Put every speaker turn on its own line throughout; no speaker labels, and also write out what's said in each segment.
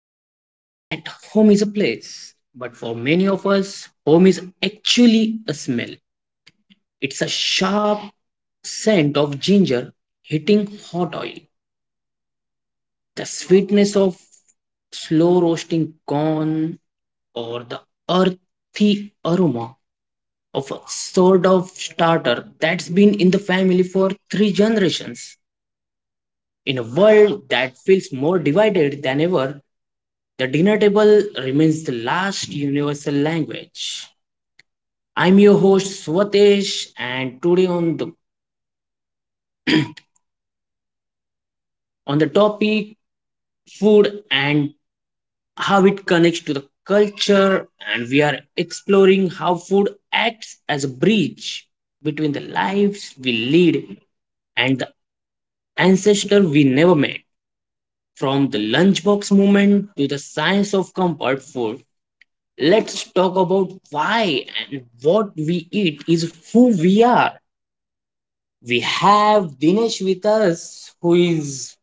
They say that home is a place, but for many of us, home is actually a smell. It's a sharp scent of ginger hitting hot oil, the sweetness of slow roasting corn, or the earthy aroma of a sort of starter that's been in the family for three generations. In a world that feels more divided than ever, the dinner table remains the last universal language. I'm your host Swatesh, and today on the topic food and how it connects to the culture, and we are exploring how food acts as a bridge between the lives we lead and the ancestor we never met. From the lunchbox movement to the science of comfort food, let's talk about why and what we eat is who we are. We have Dinesh with us, who is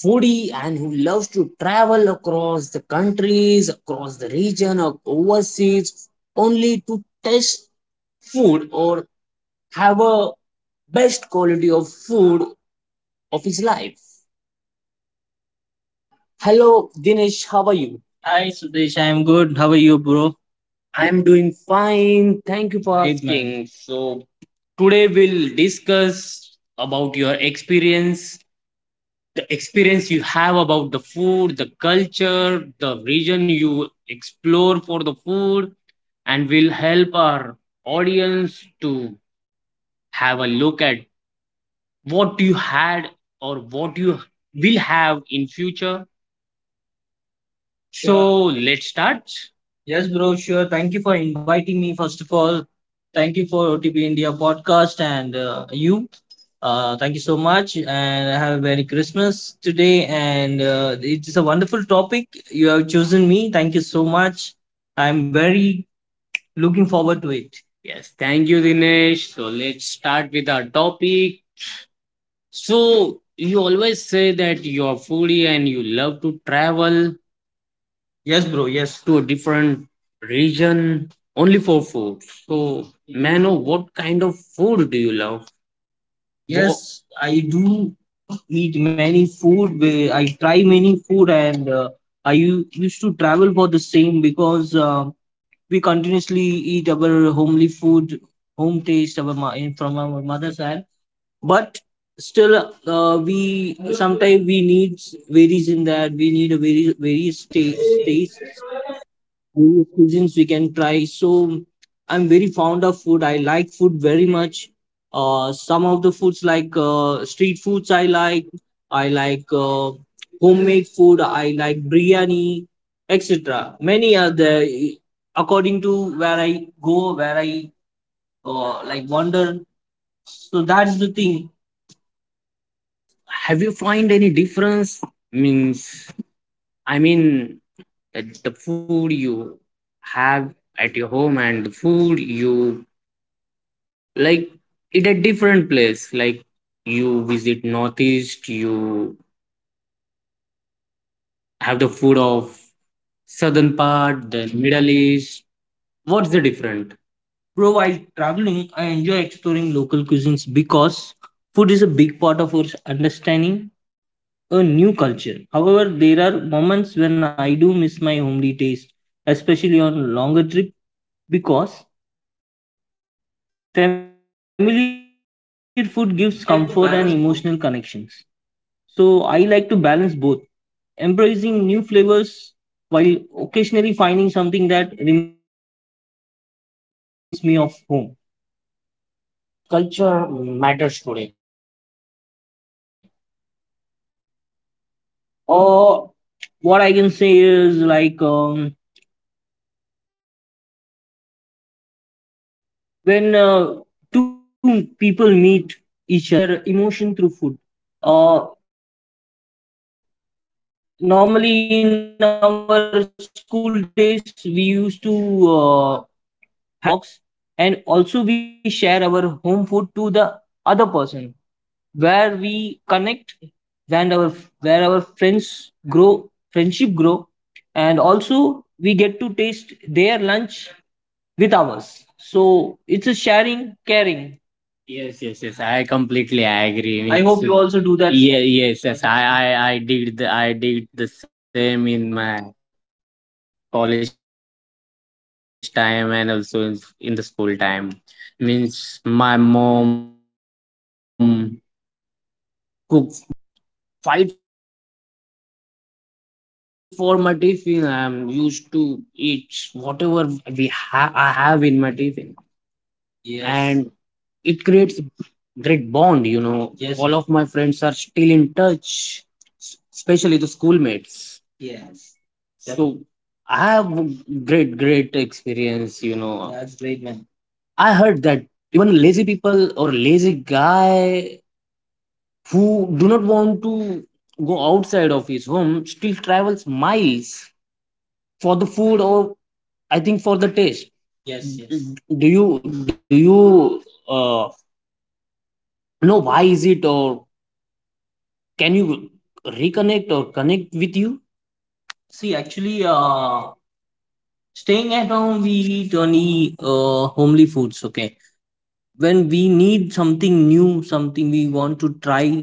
foodie and who loves to travel across the countries, across the region, or overseas, only to taste food or have a best quality of food of his life. Hello, Dinesh. How are you? Hi Sudesh, I'm good. How are you, bro? I'm doing fine. Thank you for great man asking. So today we'll discuss about your experience, the experience you have about the food, the culture, the region you explore for the food, and we'll help our audience to have a look at what you had or what you will have in future. Sure. So let's start. Yes, bro. Sure. Thank you for inviting me. First of all, thank you for OTP India podcast and you. Thank you so much, and have a merry Christmas today. And it is a wonderful topic you have chosen me. Thank you so much. I'm very looking forward to it. Yes, thank you, Dinesh. So let's start with our topic. So you always say that you're foodie and you love to travel. Yes, bro. Yes, to a different region only for food. So, Mano, what kind of food do you love? What? Yes, I do eat many food where I try many food, and used to travel for the same because we continuously eat our homely food, home taste, from our mother's hand. But still, we sometimes we need varies in that. We need a very various
Yes.
taste, various cuisines we can try. So I'm very fond of food. I like food very much. Some of the foods like street foods I like. I like homemade food. I like biryani, etc. Many are there according to where I go, where I like wander. So that's the thing. Have you find any difference? Means I mean that the food you have at your home and the food you like it a different place, like you visit northeast, you have the food of southern part, then middle east, what's the different? Bro, while traveling, I enjoy exploring local cuisines because food is a big part of our understanding a new culture. However, there are moments when I do miss my homely taste, especially on longer trip because familiar food gives comfort and emotional
I
connections.
like to balance both
So I like to balance both, embracing new flavors while occasionally finding something that reminds me of home. Why do you think that food connects culture matters today? Or what I can say is like when two people meet each other and they sit for a food, they share their emotion through food. Uh, Normally in our school days, we used to have our lunch time and we used to eat our lunch box, and also we share our home food to the other person where we connect and our where our friends grow, friendship grow, and also we get to taste their lunch with ours. So it's a sharing, caring. Yes, yes, yes. I completely I agree. I It's, hope you also do that. Yeah, yes, yes. I did I did the same in my college time and also in the school time. Means my mom cooks delicious foods, and all of my friends used to like fight for my tiffin. I'm used to eat whatever we ha I have in my tiffin, yes, and it creates great bond, you know. Yes. All of my friends are still in touch, especially the schoolmates. Yes, definitely. So I have great, great experience, you know. That's great, man. I heard that even lazy people or lazy guy who do not want to go outside of his home still travels miles for the food or I think for the taste. Yes, yes. Do you uh, no, why is it, or can you reconnect or connect with you? See, actually, staying at home, we eat only homely foods, okay? When we need something new, something we want to try,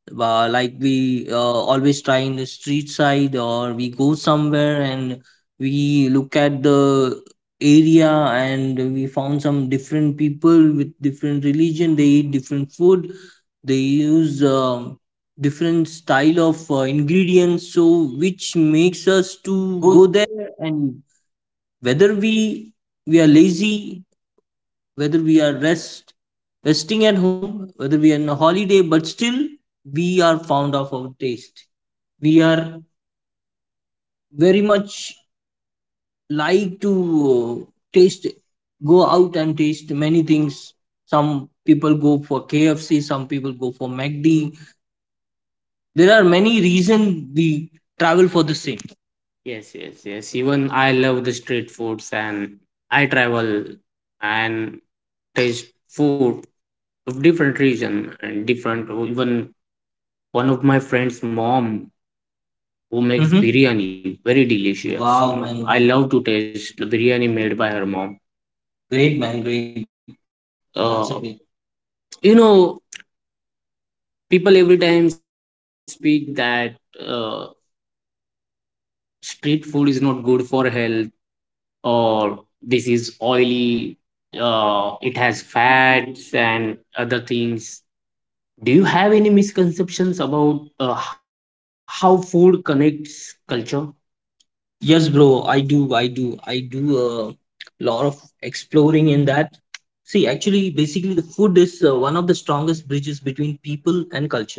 like we always try in the street side, or we go somewhere and we look at the area and we found some different people with different religion, they eat different food, they use different style of ingredients, so which makes us
to
to go
go
there. And whether we are lazy, whether we are resting at home, whether we are on a holiday, but still we are fond of our taste. We are very much like to uh, taste, go out and taste many things. Some people go for KFC, some people go for McD. There are many reasons we travel for the same. Yes, yes, yes. Even I love the street foods, and I travel and taste food of different region, and different, oh, even one of my friends mom who makes mm-hmm biryani very delicious, wow, you know man, I love to taste the biryani made by her mom. Great, man. Great. That's a great. You know, people every time speak that uh, street food is not good for health, or this is oily, it has fats and other things. Do you have any misconceptions about how food connects culture? Yes, bro, I do a lot of exploring in that. See, actually, basically, the food is one of the strongest bridges between people and culture.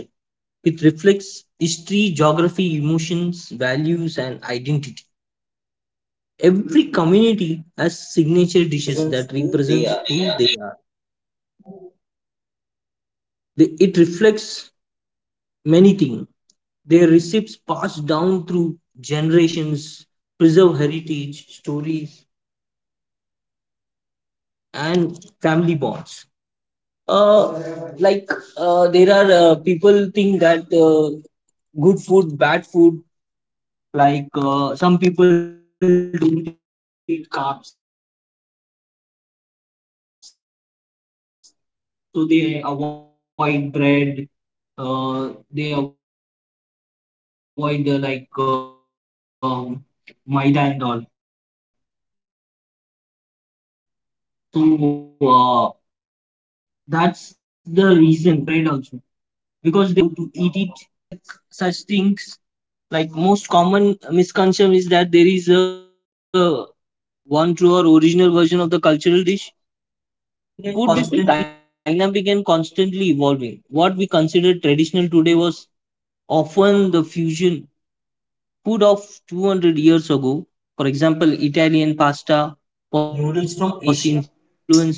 It reflects history, geography, emotions, values, and identity. Every community has signature dishes that
represents
represents
who
who
they are.
they are. They, it reflects many things. Their recipes passed down through generations preserve heritage, stories, and family bonds. uh, like there are people think that good food, bad food. Like some people don't eat carbs, so they avoid bread, they avoid maida and all. So that's the reason some people, according to the region, they eat bread also because they love it. They want to break the rule and they love to eat it, so they do. There are many like such things. Like most common misconception is that there is a one true or original version of the cultural dish.
Dynamic and
Food
constant
is dynamic and constantly evolving. What we consider traditional today was often the fusion food of 200 years ago. For example, italian pasta was
noodles from
influenced by
Asia.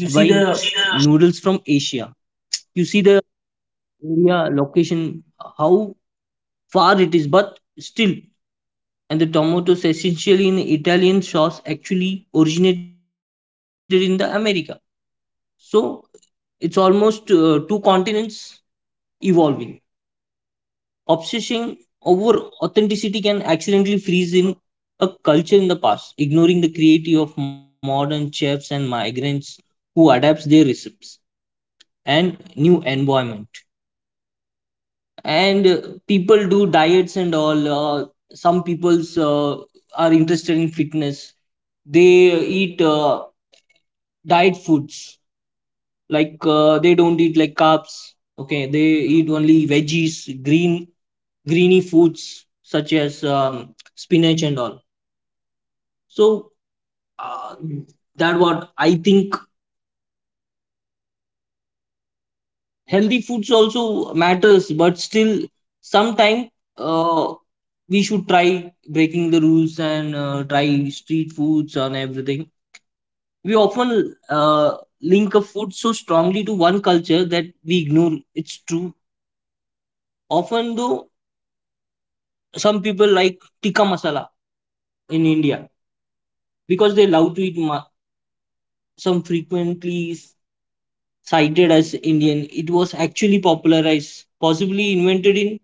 You see
noodles
the
from asia. You see the area location, how far it is, but still, and the tomatoes essentially in Italian sauce actually originated in the America. So it's almost two continents evolving. Obsessing over authenticity can accidentally freeze in a culture in the past, ignoring the creativity of modern chefs and migrants who adapts their recipes and new environment. And people do diets and all. Some people's are interested in fitness. They eat diet foods, like they don't eat like carbs, okay, they eat only veggies, green greeny foods such as spinach and all. So uh, that what I think, healthy foods also matters, but still sometime uh, we should try breaking the rules and try street foods and everything. We often link a food so strongly to one culture that we ignore its true, often though, some people like tikka masala in India because they love to eat some frequently cited as Indian. It was actually popularized, possibly invented in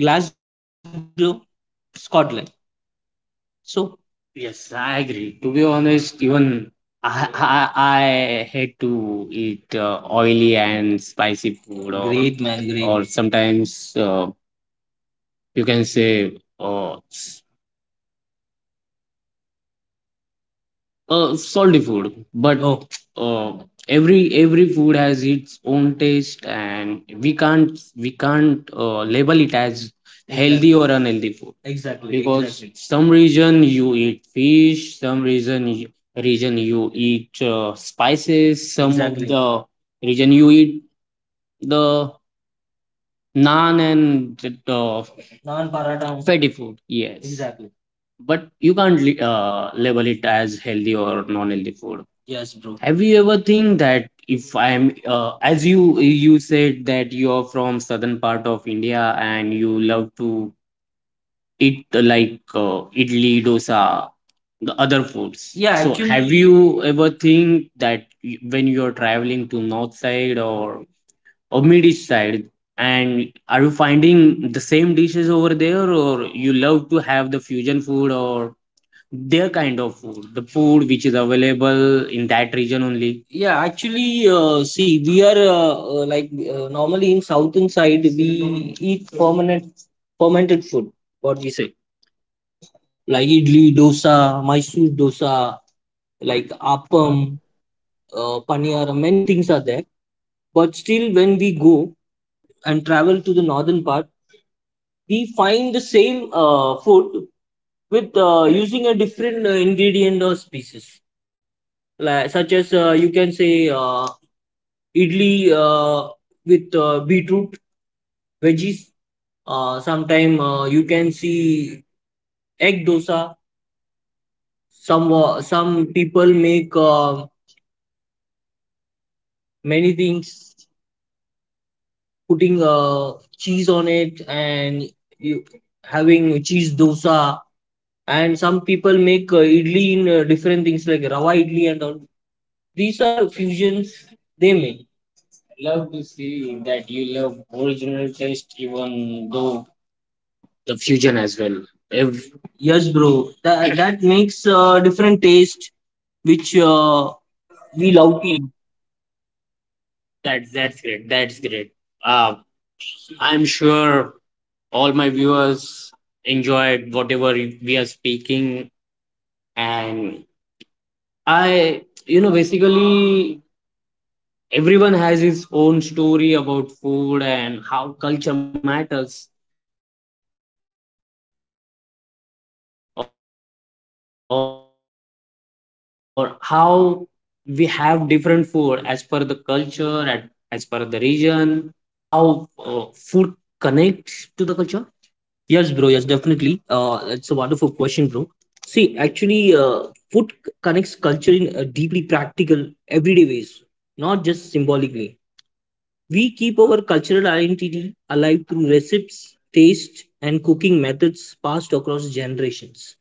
Glasgow, Scotland. So yes, I agree. To be honest, even I hate to eat oily and spicy food, or great man, great, or sometimes you can say uh, salty food, but oh, uh, every food has its own taste, and we can't label it as healthy exactly, or unhealthy food exactly, because exactly some region you eat fish, some reason you, region you eat spices, some of exactly the region you eat the naan and naan paratha, fatty food, yes, exactly, but you can't label it as healthy or non-healthy food. Yes, bro. Have you ever think that if I am, as you said that you are from southern part of India and you love to eat like, idli dosa the other foods. Yeah, so you ever think that when you are traveling to north side or mid east side? And are you finding the same dishes over there, or you love to have the fusion food or their kind of food, the food which is available in that region only? Yeah, actually, see we are like, normally in southern side we eat fermented food, what we say, like idli dosa, mysore dosa, like
firm.
appam, paniyara, many things are there. But still when we go and travel to the northern part, we find the same food, with using a different ingredient or species, like such as, you can say, idli with beetroot veggies. Sometime you can see egg dosa. Some people make many things, putting cheese on it and you having cheese dosa. And some people make idli in different things like rava idli and all. These are fusions they make. Love to see that you love original taste, even though the fusion as well. If... Yes, bro. That makes different taste, which,
Uh,
we
We
love
love to
to. That's great. That's great. Uh, I'm sure all my viewers enjoyed whatever we are speaking, and basically everyone has his own story about food and how culture matters. Or how we have different food as per the culture and as per the region. So do you have any personal story about how food connects to the culture? Yes, bro. Yes, definitely. It's a wonderful question, bro. See, actually, food connects culture in deeply practical, everyday ways, not just symbolically. We keep our cultural identity alive through recipes, taste, and cooking methods passed across generations.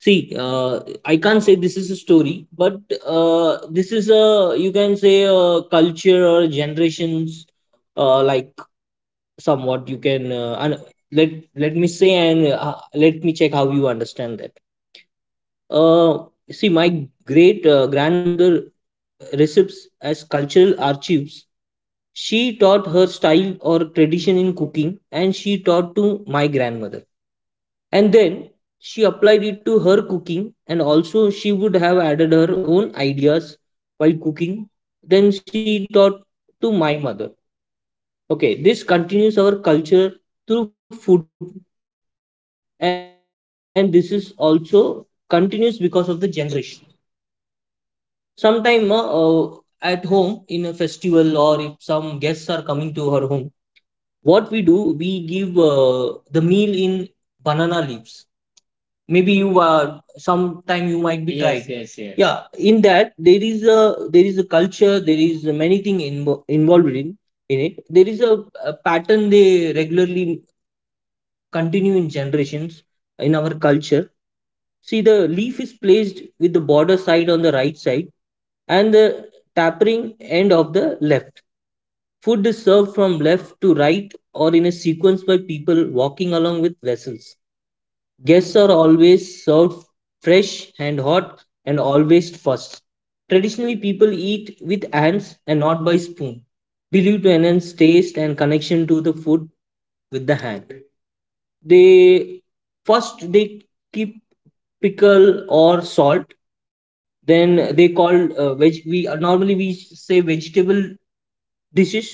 See, I can't say this is a story, but this is a, you can say, a culture or generations, like somewhat you can let me say, and let me check how you understand that. Uh, See, my great grandmother recipes as cultural archives. She taught her style or tradition in cooking, and she taught to my grandmother. And then she applied it to her cooking, and also she would have added her own ideas while cooking. Then she taught to my mother. Okay, this continues our culture through food, and this is also continues because of the generation. Sometime, at home in a festival or if some guests are coming to her home, what we do, we give the meal in banana leaves. Maybe you sometime you might be... Yes, tried. Yes, yes. Yeah, in that there is a, there is a culture, there is many thing involved in it. There is a pattern they regularly continue in generations in our culture. See, the leaf is placed with the border side on the right side and the tapering end of the left. Food is served from left to right or in a sequence by people walking along with vessels. Guests are always served fresh and hot and always first. Traditionally, people eat with hands and not by spoon, believed to enhance taste and connection to the food with the hand. They First they keep pickle or salt. Then they call veg. We Normally we say vegetable dishes,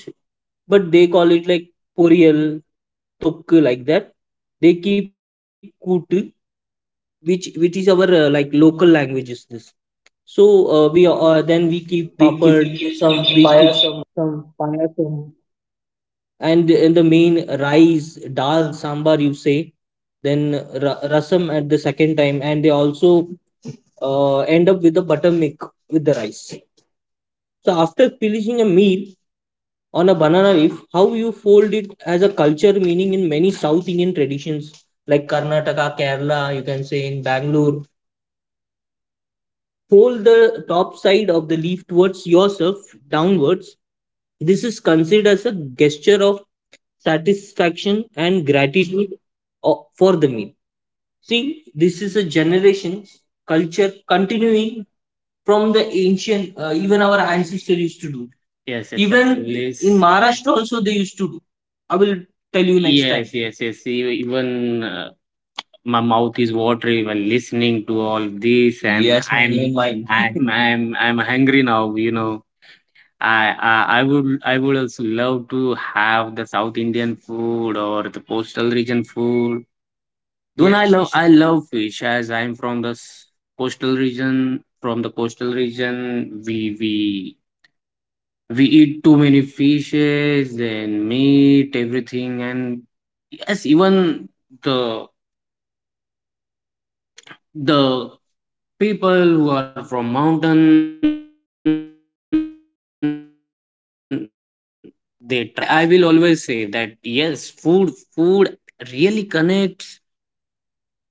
but they call it like poriyal, tokku, like that. They keep kootu, which is our, like, local language is this. So we then we
learn.
keep
We
papad,
keep
we
some
keep
fire
some
some,
payasam, and the main rice, dal, sambar, you say, then rasam at the second time, and they also end up with the buttermilk with the rice. So after finishing a meal on a banana leaf, how you fold it as a culture meaning in many South Indian traditions like Karnataka, Kerala, you can say in Bangalore, fold the top side of the leaf towards yourself downwards. This is considered as a gesture of satisfaction and gratitude for the meal. See, this is a generation culture continuing from the ancient, even our ancestors used to do. Yes, yes. Even actually. Yes. In Maharashtra, also they used to do. I will tell you next time. Yes, yes, yes. Even, my mouth is watery while listening to all this, and... Yes, man, even mine. I'm hungry now. I would also love to have the South Indian food or the coastal region food. Don't I... Yes, love, yes, I love fish as I'm from the coastal region. From the coastal region, we eat too many fishes and meat, everything, and yes, even the the people who are from mountain, they try our food and they... Yes, love it. They love it. Yes, bro. Yes, I, bro. I will always say that yes food really connects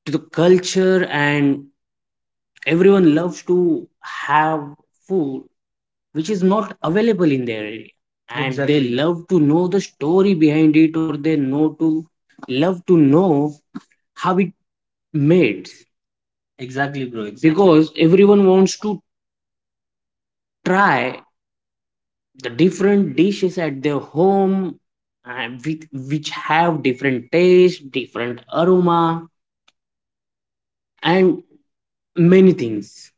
to the culture, and everyone loves to have food which is not available in their area, and they... Exactly. Love to know the story behind it, or they know to love to know how it made. Exactly, bro. Exactly. Because everyone wants to try the different dishes at their home, and with which have different taste, different aroma, and many things.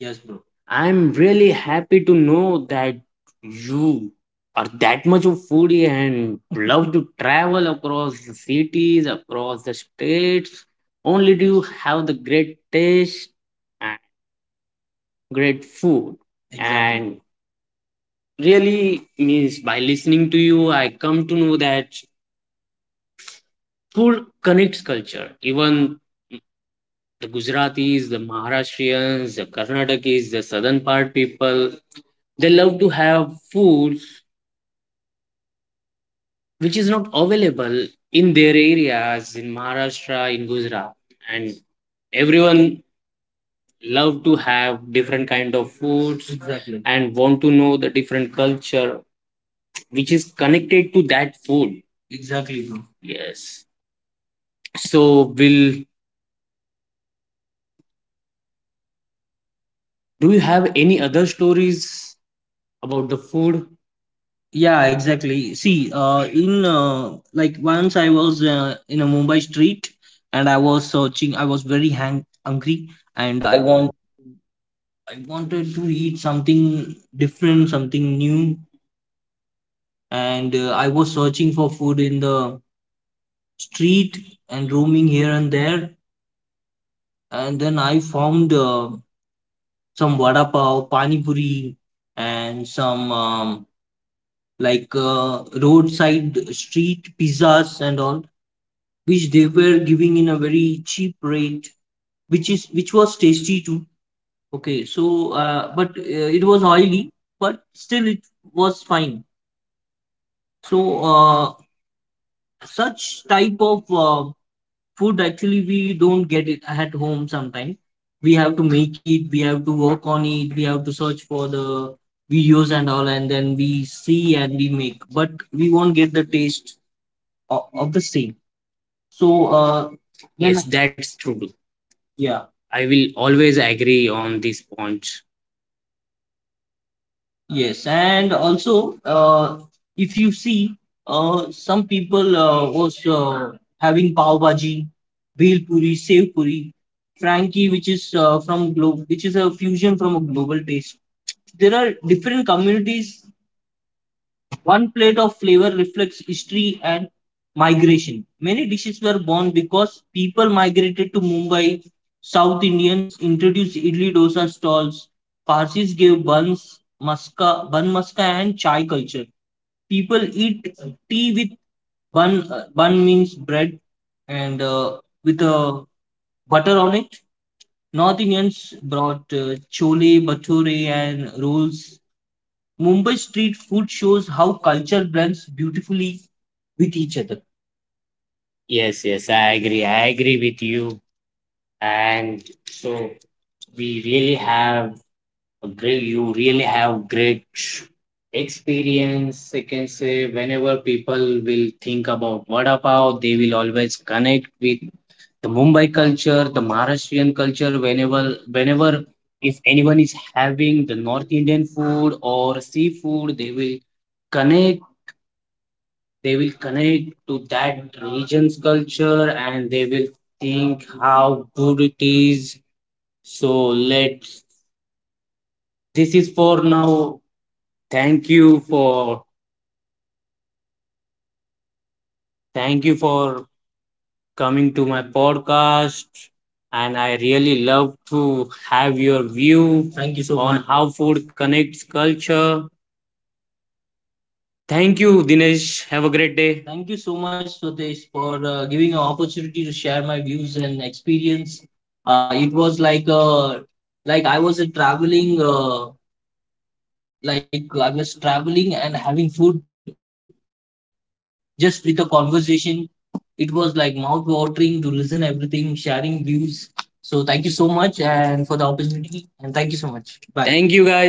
Yes, bro. I'm really happy to know that you are that much of foodie and love to travel across the cities, across the states. Only do you have the great taste and great food. Exactly. And really means by listening to you, I come to know that food connects culture. Even the Gujaratis, the Maharashtrians, the Karnatakis, the southern part people, they love to have food which is not available in their areas in Maharashtra, in Gujarat. And everyone love to have different kind of foods. Exactly. And want to know the different culture which is connected to that food. Exactly, bro. Yes. So will... do you have any other stories about the food? Yeah, exactly. See, in like once I was in a Mumbai street and I was searching. I was very hungry,
and
and
I want.
I wanted to eat something different, something new, and I was searching for food in the street and roaming here and there, and then I found some vada pav, pani puri, and some like, roadside street pizzas and all, which they were giving in a very cheap rate, which was tasty too. Okay, so, but it was oily, but still it was fine. So uh, such type of food actually we don't get it at home. Sometimes we have to make it, we have to work on it, we have to search for the videos and all, and then we see and we make, but we won't get the taste of the same. So when... Yes, that's true. Yeah, I will always agree on this point. Yes, and also, if you see, some people was having pav bhaji, bhel puri, sev puri, frankie, which is from globe, which is a fusion from a global taste. There are different communities. One plate of flavor reflects history and migration. Many dishes were born because people migrated to Mumbai. South Indians introduced idli dosa stalls. Parsis gave buns, maska, bun maska, and chai culture. People eat tea with bun. Bun means bread, and with butter on it. North Indians brought chole, bhature, and rolls. Mumbai street food shows how culture blends beautifully with each other. Yes, yes, I agree. I agree with you. And so, we really have a great, you really have great experience. I can say whenever people will think about vada pav, they will always connect with the Mumbai culture, the Maharashtrian culture. Whenever, if anyone is having the North Indian food or seafood, they will connect connect to that region's culture, and they will think how good it is. So let's, this is for now. thank you for Thank you for coming to my podcast, and I really love to have your view... Thank you so on much. How food connects culture. Thank you, Dinesh. Have a great day. Thank you so much, Swadesh, for giving an opportunity to share my views and experience. It was like, like I was a traveling, like I was traveling and having food just with a conversation. It was like mouth watering to listen everything, sharing views. So thank you so much and for the opportunity, and thank you so much. Bye. Thank you, guys. Bye bye. Bye bye.